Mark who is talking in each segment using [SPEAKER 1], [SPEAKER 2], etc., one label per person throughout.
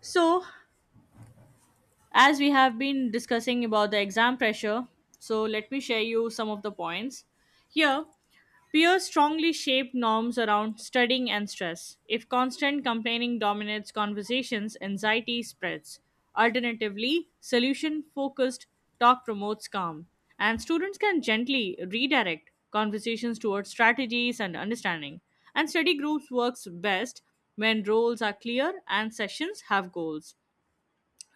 [SPEAKER 1] So, as we have been discussing about the exam pressure, so let me share you some of the points. Here, peers strongly shape norms around studying and stress. If constant complaining dominates conversations, anxiety spreads. Alternatively, solution focused talk promotes calm, and students can gently redirect conversations towards strategies and understanding. And study groups works best when roles are clear and sessions have goals.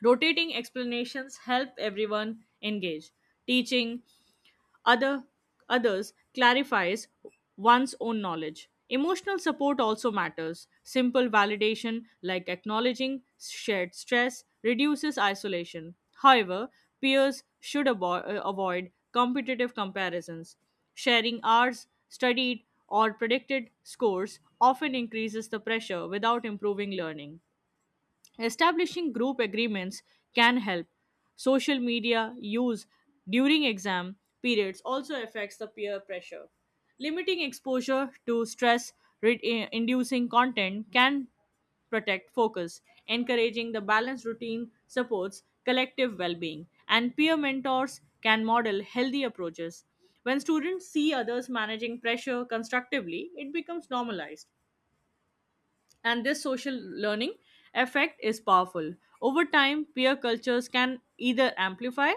[SPEAKER 1] Rotating explanations help everyone engage. Teaching other others clarifies one's own knowledge. Emotional support also matters. Simple validation like acknowledging shared stress reduces isolation. However, peers should avoid competitive comparisons. Sharing hours, studied, or predicted scores often increases the pressure without improving learning. Establishing group agreements can help. Social media use during exam periods also affects the peer pressure. Limiting exposure to stress inducing content can protect focus. Encouraging the balanced routine supports collective well being, and peer mentors can model healthy approaches. When students see others managing pressure constructively, it becomes normalized and this social learning effect is powerful. Over time, peer cultures can either amplify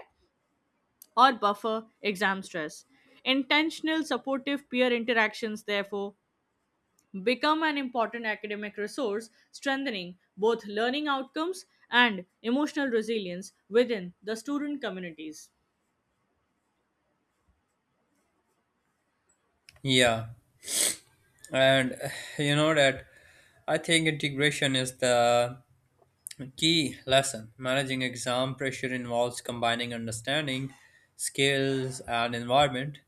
[SPEAKER 1] or buffer exam stress. Intentional supportive peer interactions, therefore, become an important academic resource, strengthening both learning outcomes and emotional resilience within the student communities.
[SPEAKER 2] Yeah, and you know that I think integration is the key lesson. Managing exam pressure involves combining understanding, skills, and environment.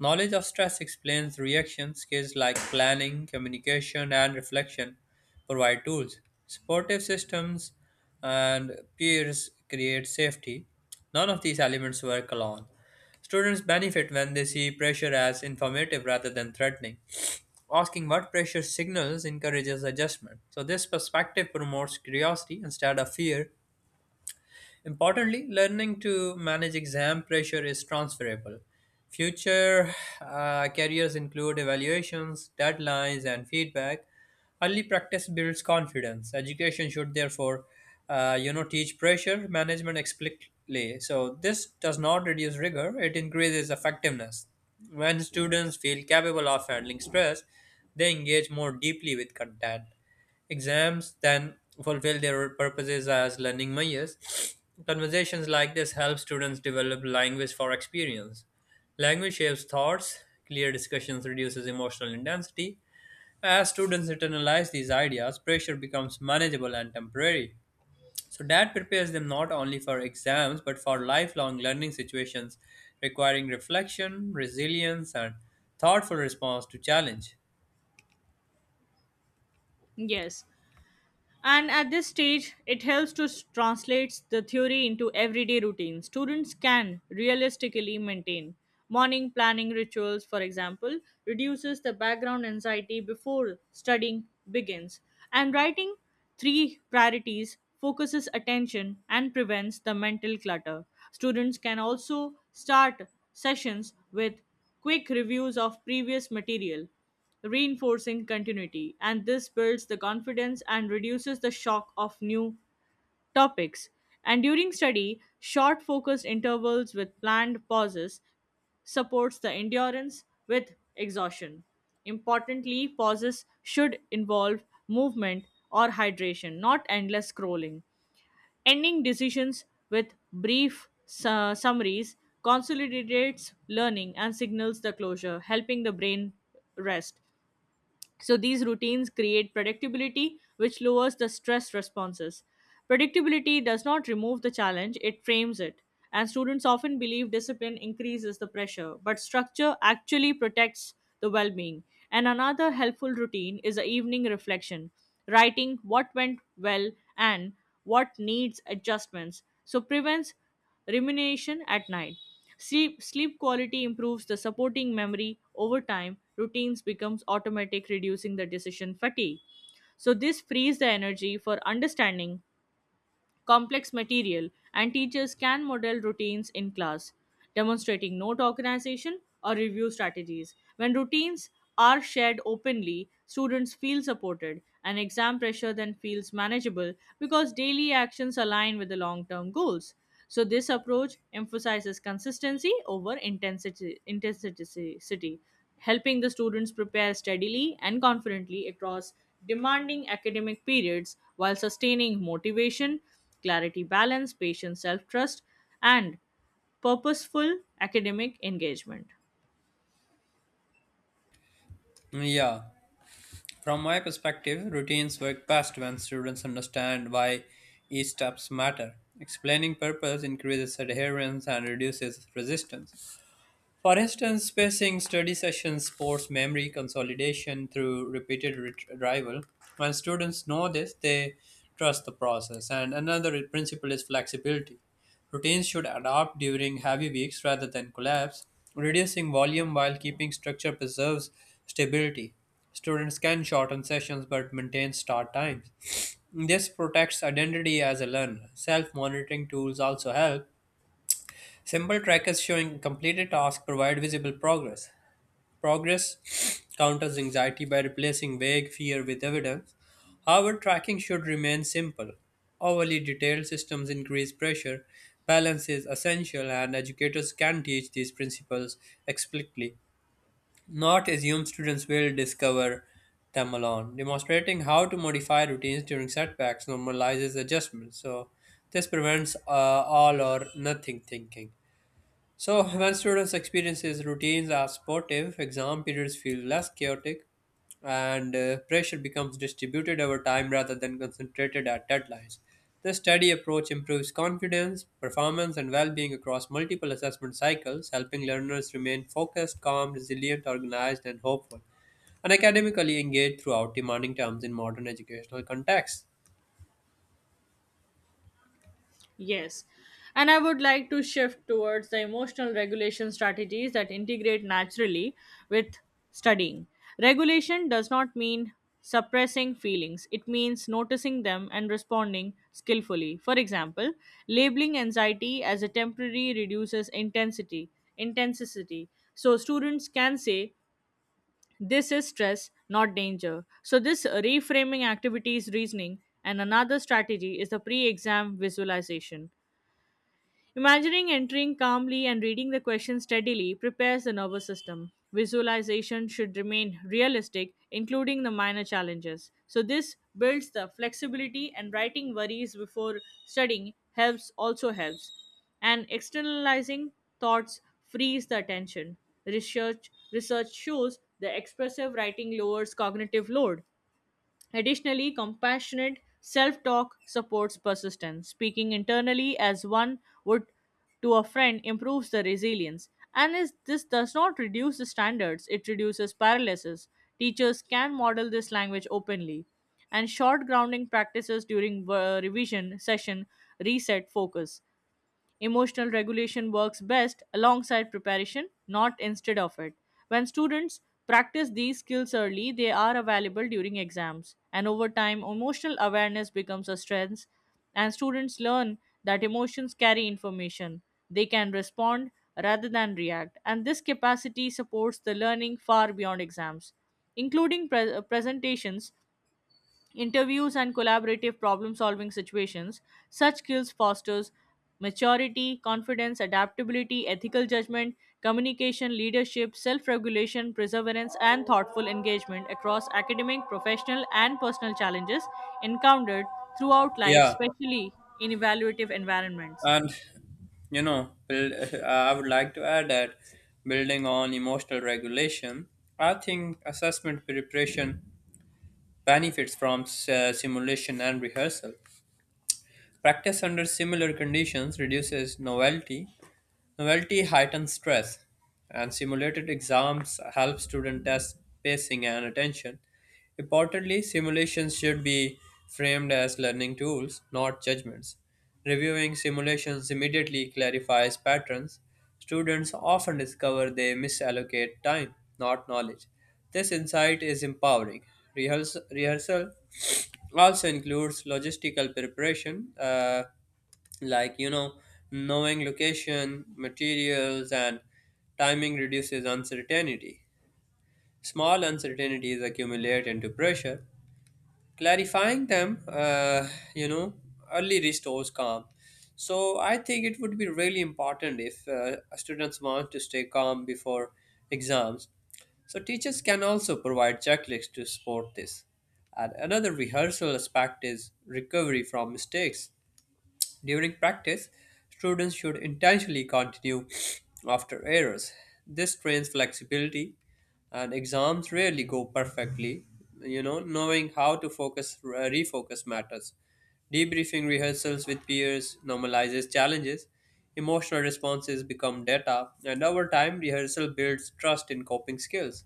[SPEAKER 2] Knowledge of stress explains reaction. Skills like planning, communication, and reflection provide tools. Supportive systems and peers create safety. None of these elements work alone. Students benefit when they see pressure as informative rather than threatening. Asking what pressure signals encourages adjustment. So, this perspective promotes curiosity instead of fear. Importantly, learning to manage exam pressure is transferable. Future careers include evaluations, deadlines, and feedback. Early practice builds confidence. Education should, therefore, teach pressure management explicitly. So this does not reduce rigor; it increases effectiveness. When students feel capable of handling stress, they engage more deeply with content. Exams then fulfill their purposes as learning mayas. Conversations like this help students develop language for experience. Language shapes thoughts, clear discussions reduces emotional intensity. As students internalize these ideas, pressure becomes manageable and temporary. So that prepares them not only for exams but for lifelong learning situations requiring reflection, resilience, and thoughtful response to challenge.
[SPEAKER 1] Yes. And at this stage, it helps to translate the theory into everyday routine. Students can realistically maintain morning planning rituals, for example, reduces the background anxiety before studying begins. And writing three priorities focuses attention and prevents the mental clutter. Students can also start sessions with quick reviews of previous material reinforcing continuity. And this builds the confidence and reduces the shock of new topics. And during study, short focused intervals with planned pauses supports the endurance with exhaustion. Importantly, pauses should involve movement or hydration, not endless scrolling. Ending decisions with brief summaries consolidates learning and signals the closure, helping the brain rest. So these routines create predictability, which lowers the stress responses. Predictability does not remove the challenge, it frames it. And students often believe discipline increases the pressure, but structure actually protects the well being. And another helpful routine is the evening reflection, writing what went well and what needs adjustments. So prevents rumination at night. Sleep quality improves the supporting memory over time. Routines becomes automatic, reducing the decision fatigue. So this frees the energy for understanding complex material, and teachers can model routines in class, demonstrating note organization or review strategies. When routines are shared openly, students feel supported and exam pressure then feels manageable because daily actions align with the long term goals. So, this approach emphasizes consistency over intensity, intensity helping the students prepare steadily and confidently across demanding academic periods while sustaining motivation clarity, balance, patience, self trust, and purposeful academic engagement.
[SPEAKER 2] Yeah. From my perspective, routines work best when students understand why each steps matter. Explaining purpose increases adherence and reduces resistance. For instance, spacing study sessions supports memory consolidation through repeated retrieval. When students know this, they trust the process. And another principle is flexibility. Routines should adapt during heavy weeks rather than collapse. Reducing volume while keeping structure preserves stability. Students can shorten sessions but maintain start times. This protects identity as a learner. Self monitoring tools also help. Simple trackers showing completed tasks provide visible progress. Progress counters anxiety by replacing vague fear with evidence. However, tracking should remain simple. Overly detailed systems increase pressure. Balance is essential, and educators can teach these principles explicitly, not assume students will discover them alone. Demonstrating how to modify routines during setbacks normalizes adjustments, so this prevents all or nothing thinking. So, when students experience his routines are supportive, exam periods feel less chaotic and pressure becomes distributed over time rather than concentrated at deadlines. This study approach improves confidence, performance, and well being across multiple assessment cycles, helping learners remain focused, calm, resilient, organized, and hopeful, and academically engaged throughout demanding terms in modern educational contexts.
[SPEAKER 1] Yes. And I would like to shift towards the emotional regulation strategies that integrate naturally with studying. Regulation does not mean suppressing feelings, it means noticing them and responding skillfully. For example, labeling anxiety as a temporary reduces intensity. So students can say this is stress, not danger. So, this reframing activities reasoning, and another strategy is the pre exam visualization. Imagining entering calmly and reading the question steadily prepares the nervous system. Visualization should remain realistic, including the minor challenges. So, this builds the flexibility, and writing worries before studying helps also helps. And externalizing thoughts frees the attention. Research shows the expressive writing lowers cognitive load. Additionally, compassionate self talk supports persistence. Speaking internally as one would to a friend improves the resilience. And this does not reduce the standards, it reduces paralysis. Teachers can model this language openly. And short grounding practices during revision session reset focus. Emotional regulation works best alongside preparation, not instead of it. When students practice these skills early, they are available during exams. And over time, emotional awareness becomes a strength, and students learn that emotions carry information. They can respond rather than react. And this capacity supports the learning far beyond exams, including presentations, interviews and collaborative problem solving situations. Such skills fosters maturity, confidence, adaptability, ethical judgment, communication, leadership, self-regulation, perseverance and thoughtful engagement across academic, professional and personal challenges encountered throughout life,
[SPEAKER 2] Yeah,
[SPEAKER 1] especially in evaluative environments.
[SPEAKER 2] and You know, build, I would like to add that building on emotional regulation, I think assessment preparation benefits from simulation and rehearsal. Practice under similar conditions reduces novelty. Novelty heightens stress, and simulated exams help students test pacing and attention. Importantly, simulations should be framed as learning tools, not judgments. Reviewing simulations immediately clarifies patterns. Students often discover they misallocate time, not knowledge. This insight is empowering. Rehearsal also includes logistical preparation, like you know knowing location materials and timing reduces uncertainty. Small uncertainties accumulate into pressure. Clarifying them you know, early restores calm. So I think it would be really important if students want to stay calm before exams. So teachers can also provide checklists to support this. And another rehearsal aspect is recovery from mistakes. During practice, students should intentionally continue after errors. This trains flexibility, and exams rarely go perfectly. You know, knowing how to refocus matters. Debriefing rehearsals with peers normalizes challenges. Emotional responses become data, and over time, rehearsal builds trust in coping skills.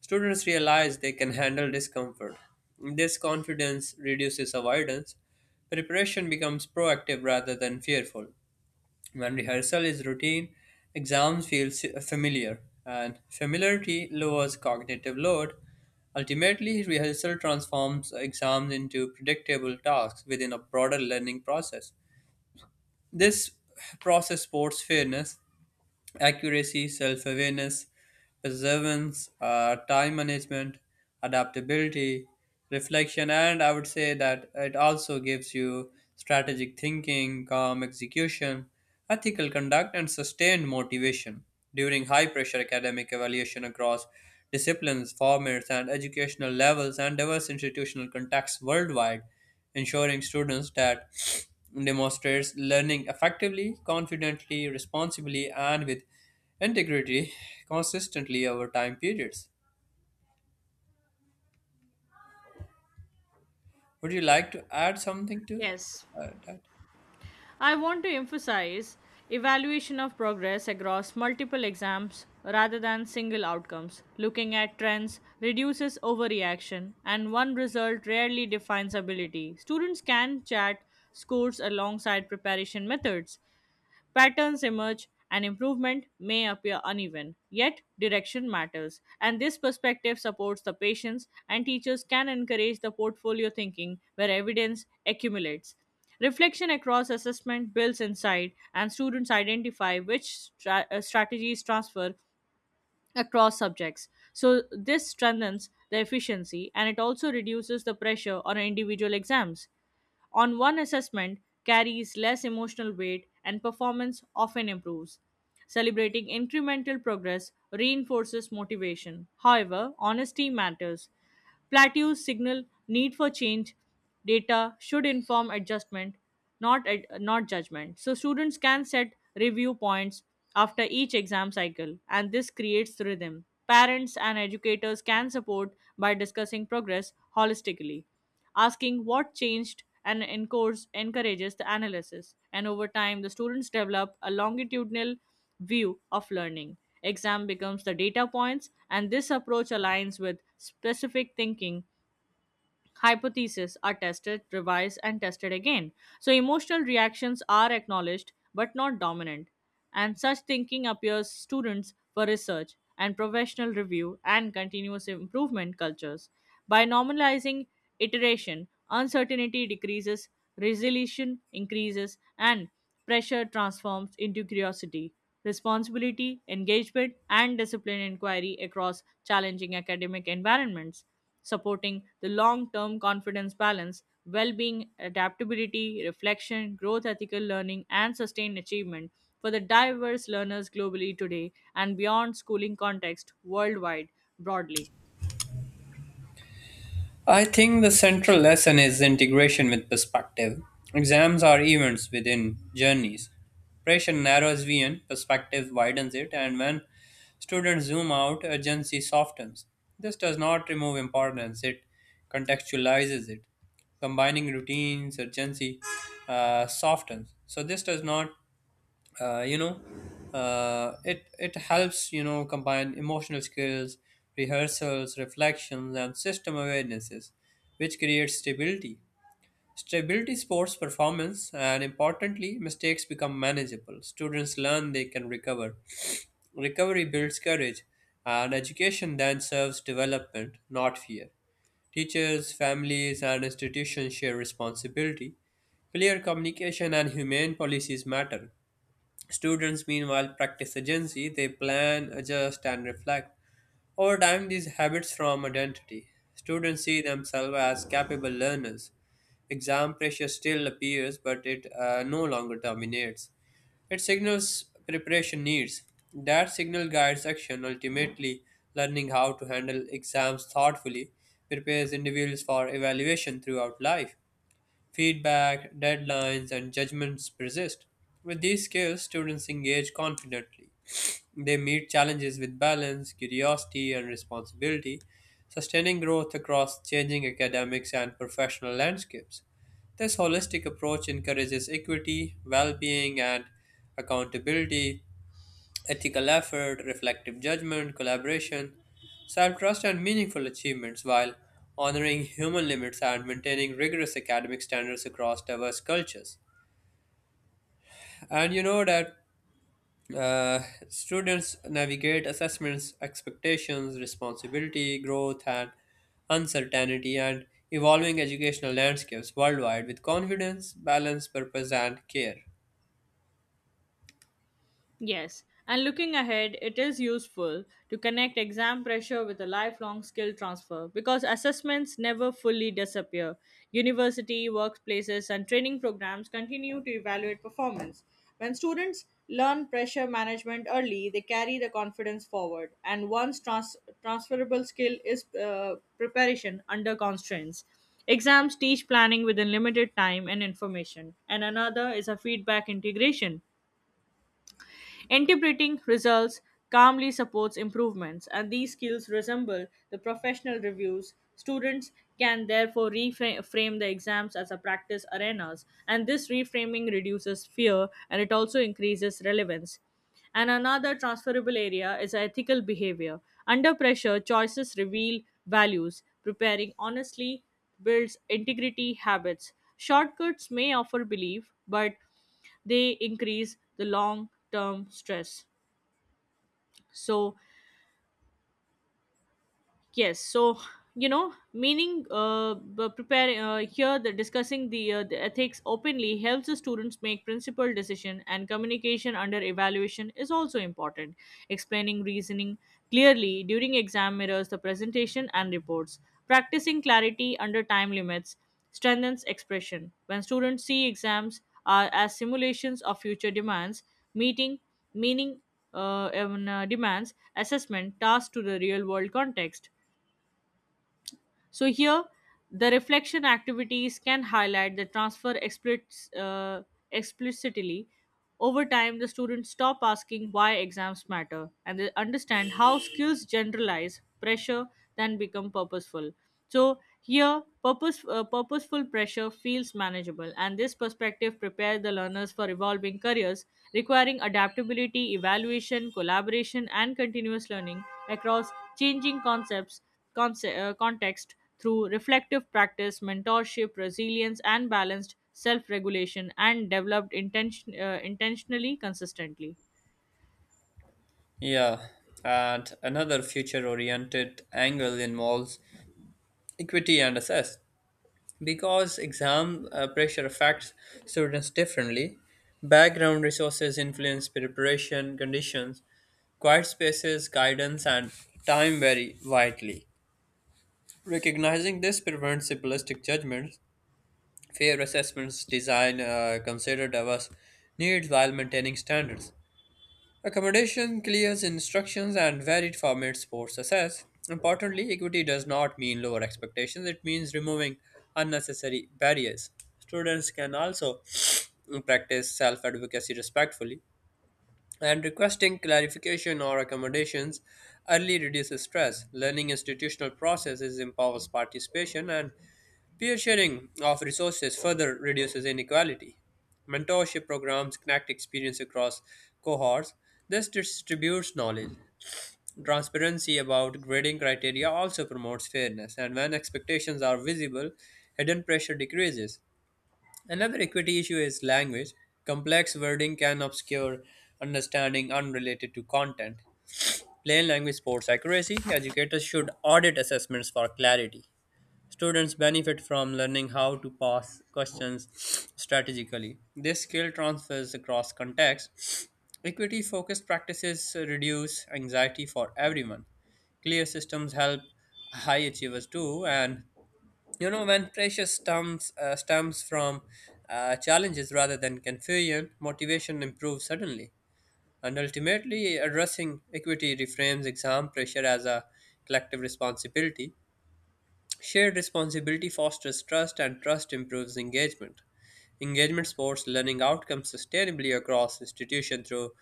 [SPEAKER 2] Students realize they can handle discomfort. This confidence reduces avoidance. Preparation becomes proactive rather than fearful. When rehearsal is routine, exams feel familiar, and familiarity lowers cognitive load. Ultimately, rehearsal transforms exams into predictable tasks within a broader learning process. This process supports fairness, accuracy, self awareness, perseverance, time management, adaptability, reflection, and I would say that it also gives you strategic thinking, calm execution, ethical conduct, and sustained motivation during high pressure academic evaluation across disciplines, formats, and educational levels, and diverse institutional contexts worldwide, ensuring students that demonstrates learning effectively, confidently, responsibly, and with integrity consistently over time periods. Would you like to add something to
[SPEAKER 1] Yes.
[SPEAKER 2] that?
[SPEAKER 1] I want to emphasize evaluation of progress across multiple exams rather than single outcomes. Looking at trends reduces overreaction, and one result rarely defines ability. Students can chat scores alongside preparation methods. Patterns emerge, and improvement may appear uneven, yet direction matters. And this perspective supports the patients, and teachers can encourage the portfolio thinking where evidence accumulates. Reflection across assessment builds insight, and students identify which strategies transfer across subjects. So, this strengthens the efficiency and it also reduces the pressure on individual exams. On one assessment carries less emotional weight and performance often improves. Celebrating incremental progress reinforces motivation. However, honesty matters. Plateaus signal need for change. Data should inform adjustment, not judgment. So students can set review points after each exam cycle, and this creates rhythm. Parents and educators can support by discussing progress holistically. Asking what changed and encourages the analysis, and over time, the students develop a longitudinal view of learning. Exam becomes the data points, and this approach aligns with specific thinking. Hypotheses are tested, revised, and tested again. So emotional reactions are acknowledged but not dominant. And such thinking appears students for research and professional review and continuous improvement cultures. By normalizing iteration, uncertainty decreases, resolution increases, and pressure transforms into curiosity, responsibility, engagement, and disciplined inquiry across challenging academic environments, supporting the long term confidence, balance, well being, adaptability, reflection, growth, ethical learning, and sustained achievement for the diverse learners globally today and beyond schooling context worldwide broadly.
[SPEAKER 2] I think the central lesson is integration with perspective. Exams are events within journeys. Pressure narrows vision, perspective widens it, and when students zoom out, urgency softens. This does not remove importance, it contextualizes it. Combining routines, urgency softens. So, this does not uh, you know it helps, you know, combine emotional skills, rehearsals, reflections, and system awarenesses, which creates stability. Stability supports performance, and importantly mistakes become manageable. Students learn they can recover. Recovery builds courage, and education then serves development, not fear. Teachers, families, and institutions share responsibility. Clear communication and humane policies matter. Students, meanwhile, practice agency, they plan, adjust, and reflect. Over time, these habits form identity. Students see themselves as capable learners. Exam pressure still appears, but it no longer dominates. It signals preparation needs. That signal guides action. Ultimately, learning how to handle exams thoughtfully prepares individuals for evaluation throughout life. Feedback, deadlines, and judgments persist. With these skills, students engage confidently. They meet challenges with balance, curiosity, and responsibility, sustaining growth across changing academics and professional landscapes. This holistic approach encourages equity, well being, and accountability, ethical effort, reflective judgment, collaboration, self trust, and meaningful achievements while honoring human limits and maintaining rigorous academic standards across diverse cultures. And you know that uh, students navigate assessments, expectations, responsibility, growth, and uncertainty, and evolving educational landscapes worldwide with confidence, balance, purpose, and care.
[SPEAKER 1] Yes, and looking ahead, it is useful to connect exam pressure with a lifelong skill transfer because assessments never fully disappear. University, workplaces, and training programs continue to evaluate performance. When students learn pressure management early, they carry the confidence forward, and one's transferable skill is preparation under constraints. Exams teach planning within limited time and information, and another is a feedback integration. Interpreting results calmly supports improvements, and these skills resemble the professional reviews. Students can therefore reframe the exams as a practice arenas, and this reframing reduces fear and it also increases relevance. And another transferable area is ethical behavior. Under pressure, choices reveal values. Preparing honestly builds integrity habits. Shortcuts may offer belief, but they increase the long term stress. So, yes. So preparing here the discussing the ethics openly helps the students make principled decision and communication under evaluation is also important, explaining reasoning clearly during exam mirrors the presentation and reports, practicing clarity under time limits strengthens expression when students see exams are as simulations of future demands, meeting meaning demands assessment tasks to the real world context. So here, the reflection activities can highlight the transfer explicitly. Over time, the students stop asking why exams matter and they understand how skills generalize pressure then become purposeful. So here, purposeful pressure feels manageable, and this perspective prepares the learners for evolving careers requiring adaptability, evaluation, collaboration, and continuous learning across changing context through reflective practice, mentorship, resilience, and balanced self regulation, and developed intentionally consistently.
[SPEAKER 2] Yeah, and another future oriented angle involves equity and assess, because exam pressure affects students differently. Background resources influence preparation conditions. Quiet spaces, guidance, and time vary widely. Recognizing this prevents simplistic judgments. Fair assessments design consider diverse needs while maintaining standards. Accommodation, clear instructions, and varied formats support success. Importantly, equity does not mean lower expectations, it means removing unnecessary barriers. Students can also practice self advocacy respectfully, and requesting clarification or accommodations early reduces stress. Learning institutional processes empowers participation, and peer sharing of resources further reduces inequality. Mentorship programs connect experience across cohorts. This distributes knowledge. Transparency about grading criteria also promotes fairness, and when expectations are visible, hidden pressure decreases. Another equity issue is language. Complex wording can obscure understanding unrelated to content. Plain language supports accuracy. Educators should audit assessments for clarity. Students benefit from learning how to pass questions strategically. This skill transfers across contexts. Equity focused practices reduce anxiety for everyone. Clear systems help high achievers too. And you know, when pressure stems from challenges rather than confusion, motivation improves suddenly. And ultimately, addressing equity reframes exam pressure as a collective responsibility. Shared responsibility fosters trust, and trust improves engagement. Engagement supports learning outcomes sustainably across institutions through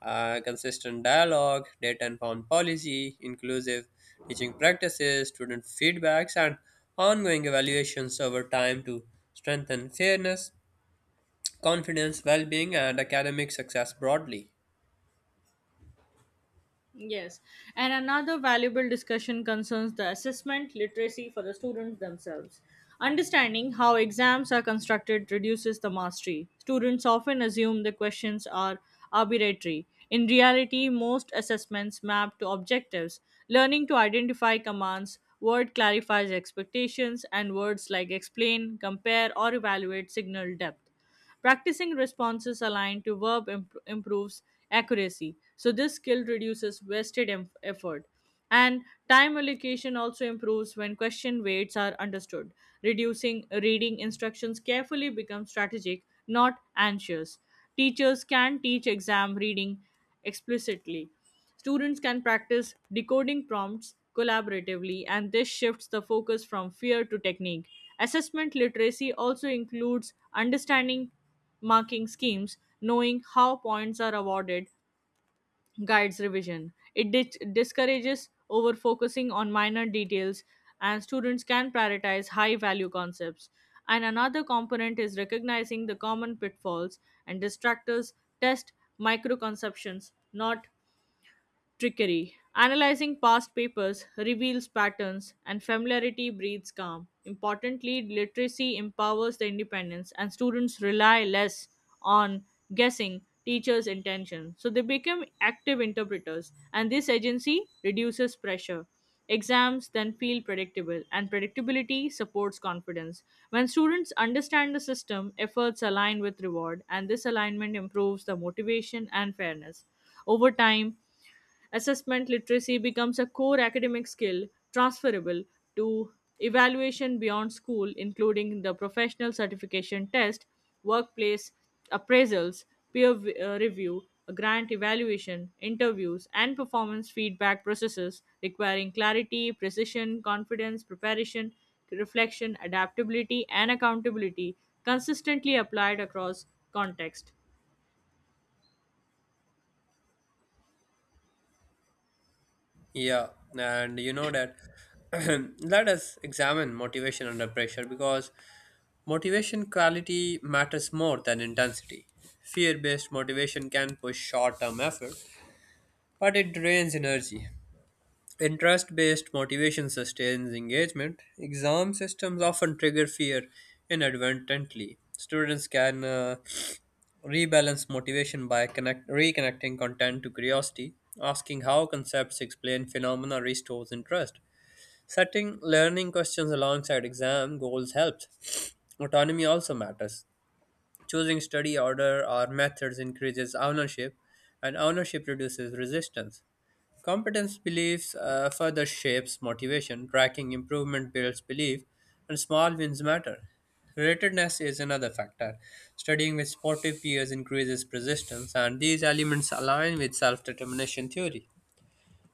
[SPEAKER 2] consistent dialogue, data informed policy, inclusive teaching practices, student feedbacks, and ongoing evaluations over time to strengthen fairness, confidence, well being, and academic success broadly.
[SPEAKER 1] Yes, and another valuable discussion concerns the assessment literacy for the students themselves. Understanding how exams are constructed reduces the mastery. Students often assume the questions are arbitrary. In reality, most assessments map to objectives. Learning to identify commands, word clarifies expectations, and words like explain, compare, or evaluate signal depth. Practicing responses aligned to verb improves accuracy. So this skill reduces wasted effort. And time allocation also improves when question weights are understood. Reducing reading instructions carefully becomes strategic, not anxious. Teachers can teach exam reading explicitly. Students can practice decoding prompts collaboratively, and this shifts the focus from fear to technique. Assessment literacy also includes understanding marking schemes, knowing how points are awarded, guides revision. It discourages over focusing on minor details, and students can prioritize high value concepts. And another component is recognizing the common pitfalls and distractors, test microconceptions, not trickery. Analyzing past papers reveals patterns, and familiarity breeds calm. Importantly, literacy empowers the independence, and students rely less on guessing teachers' intention. So they become active interpreters, and this agency reduces pressure. Exams then feel predictable, and predictability supports confidence. When students understand the system, efforts align with reward, and this alignment improves the motivation and fairness. Over time, assessment literacy becomes a core academic skill transferable to evaluation beyond school, including the professional certification test, workplace appraisals, peer review, grant evaluation, interviews, and performance feedback processes requiring clarity, precision, confidence, preparation, reflection, adaptability, and accountability consistently applied across context.
[SPEAKER 2] Yeah, and you know that let us examine motivation under pressure, because motivation quality matters more than intensity. Fear based motivation can push short term effort, but it drains energy. Interest based motivation sustains engagement. Exam systems often trigger fear inadvertently. Students can rebalance motivation by reconnecting content to curiosity, asking how concepts explain phenomena restores interest. Setting learning questions alongside exam goals helps. Autonomy also matters. Choosing study order or methods increases ownership, and ownership reduces resistance. Competence beliefs further shapes motivation, tracking improvement builds belief, and small wins matter. Relatedness is another factor. Studying with supportive peers increases persistence, and these elements align with self determination theory.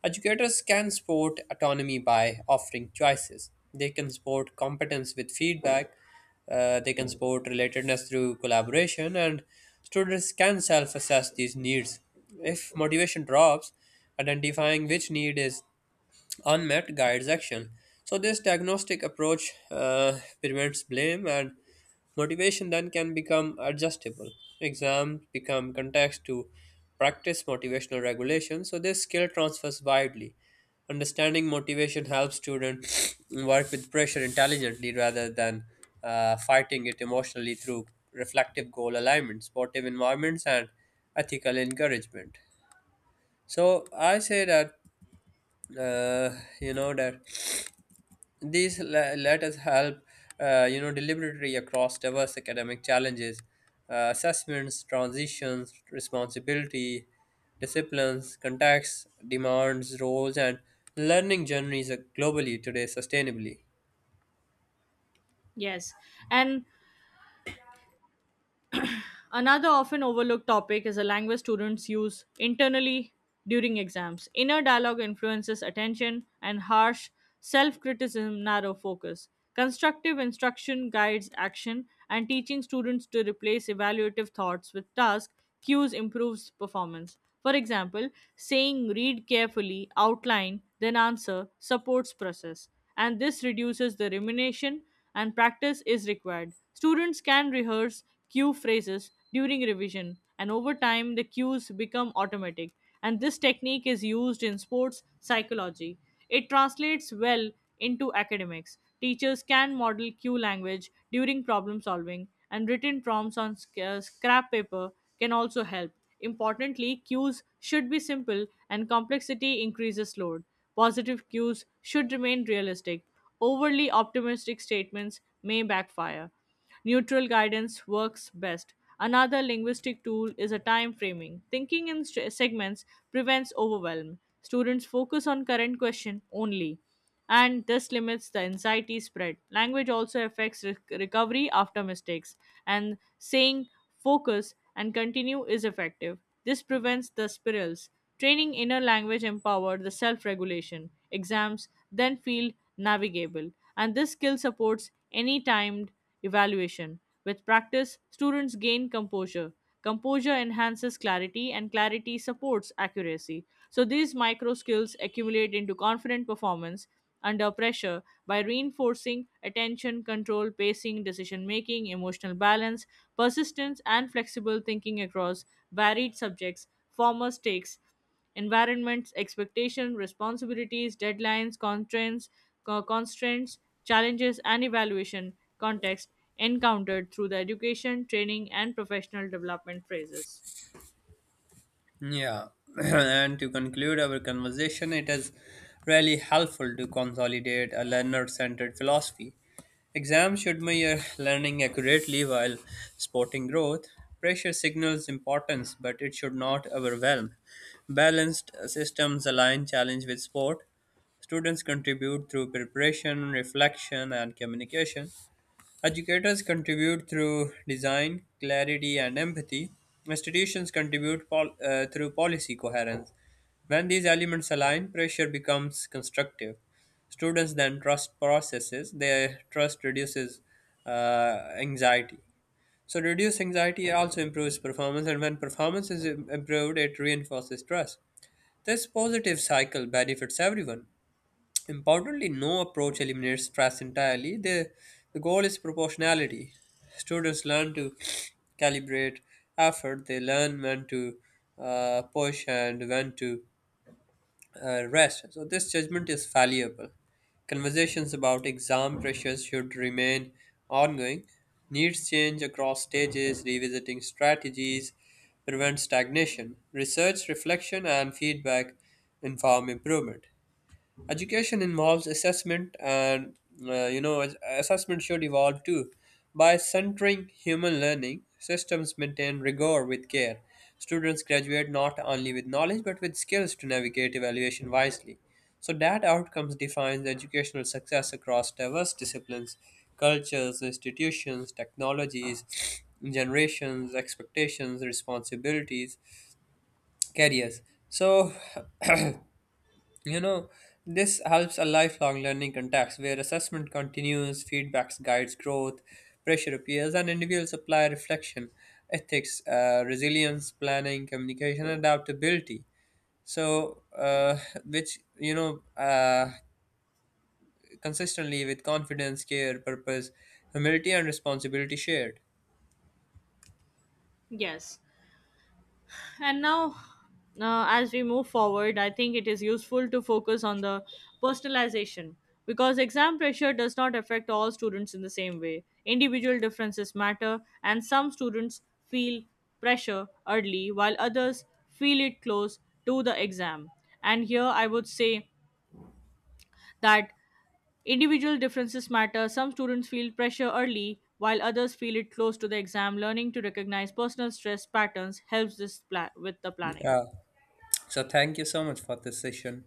[SPEAKER 2] Educators can support autonomy by offering choices. They can support competence with feedback. They can support relatedness through collaboration, and students can self assess these needs. If motivation drops, identifying which need is unmet guides action. So, this diagnostic approach prevents blame, and motivation then can become adjustable. Exams become context to practice motivational regulation. So, this skill transfers widely. Understanding motivation helps students work with pressure intelligently rather than fighting it emotionally through reflective goal alignment, supportive environments, and ethical encouragement. So, I say that uh, you know that these let us help, deliberately across diverse academic challenges, assessments, transitions, responsibility, disciplines, contexts, demands, roles, and learning journeys globally today sustainably.
[SPEAKER 1] Yes, and another often overlooked topic is the language students use internally during exams. Inner dialogue influences attention, and harsh self criticism narrow focus. Constructive instruction guides action, and teaching students to replace evaluative thoughts with task cues improves performance. For example, saying read carefully, outline, then answer supports process, and this reduces the rumination and practice is required. Students can rehearse cue phrases during revision, and over time, the cues become automatic. And this technique is used in sports psychology. It translates well into academics. Teachers can model cue language during problem solving, and written prompts on scrap paper can also help. Importantly, cues should be simple and complexity increases load. Positive cues should remain realistic. Overly optimistic statements may backfire. Neutral guidance works best. Another linguistic tool is a time framing. Thinking in segments prevents overwhelm. Students focus on current question only, and this limits the anxiety spread. Language also affects recovery after mistakes, and saying focus and continue is effective. This prevents the spirals. Training inner language empowered the self regulation. Exams then feel navigable, and this skill supports any timed evaluation. With practice, students gain composure. Composure enhances clarity, and clarity supports accuracy. So these micro skills accumulate into confident performance under pressure by reinforcing attention control, pacing, decision making, emotional balance, persistence, and flexible thinking across varied subjects, former stakes, environments, expectations, responsibilities, deadlines, constraints, constraints, challenges, and evaluation context encountered through the education, training, and professional development phases.
[SPEAKER 2] Yeah, and to conclude our conversation, it is really helpful to consolidate a learner centered philosophy. Exams should measure learning accurately while supporting growth. Pressure signals importance, but it should not overwhelm. Balanced systems align challenge with sport. Students contribute through preparation, reflection, and communication. Educators contribute through design, clarity, and empathy. Institutions contribute through policy coherence. When these elements align, pressure becomes constructive. Students then trust processes, their trust reduces anxiety. So, reduced anxiety also improves performance, and when performance is improved, it reinforces trust. This positive cycle benefits everyone. Importantly, no approach eliminates stress entirely. The goal is proportionality. Students learn to calibrate effort, they learn when to push and when to rest. So, this judgment is fallible. Conversations about exam pressures should remain ongoing. Needs change across stages, revisiting strategies prevents stagnation. Research, reflection, and feedback inform improvement. Education involves assessment, and assessment should evolve too. By centering human learning, systems maintain rigor with care. Students graduate not only with knowledge but with skills to navigate evaluation wisely. So that outcomes defines educational success across diverse disciplines, cultures, institutions, technologies, generations, expectations, responsibilities, careers. So, you know, this helps a lifelong learning context where assessment continues, feedbacks guides growth, pressure appears, and individuals apply reflection, ethics, resilience, planning, communication, and adaptability. So, uh, which, you know, uh, Consistently with confidence, care, purpose, humility, and responsibility shared.
[SPEAKER 1] Yes. And now, as we move forward, I think it is useful to focus on the personalization because exam pressure does not affect all students in the same way. Individual differences matter, and some students feel pressure early while others feel it close to the exam. And here I would say that individual differences matter. Some students feel pressure early while others feel it close to the exam. Learning to recognize personal stress patterns helps this with the planning.
[SPEAKER 2] Yeah. So, thank you so much for this session.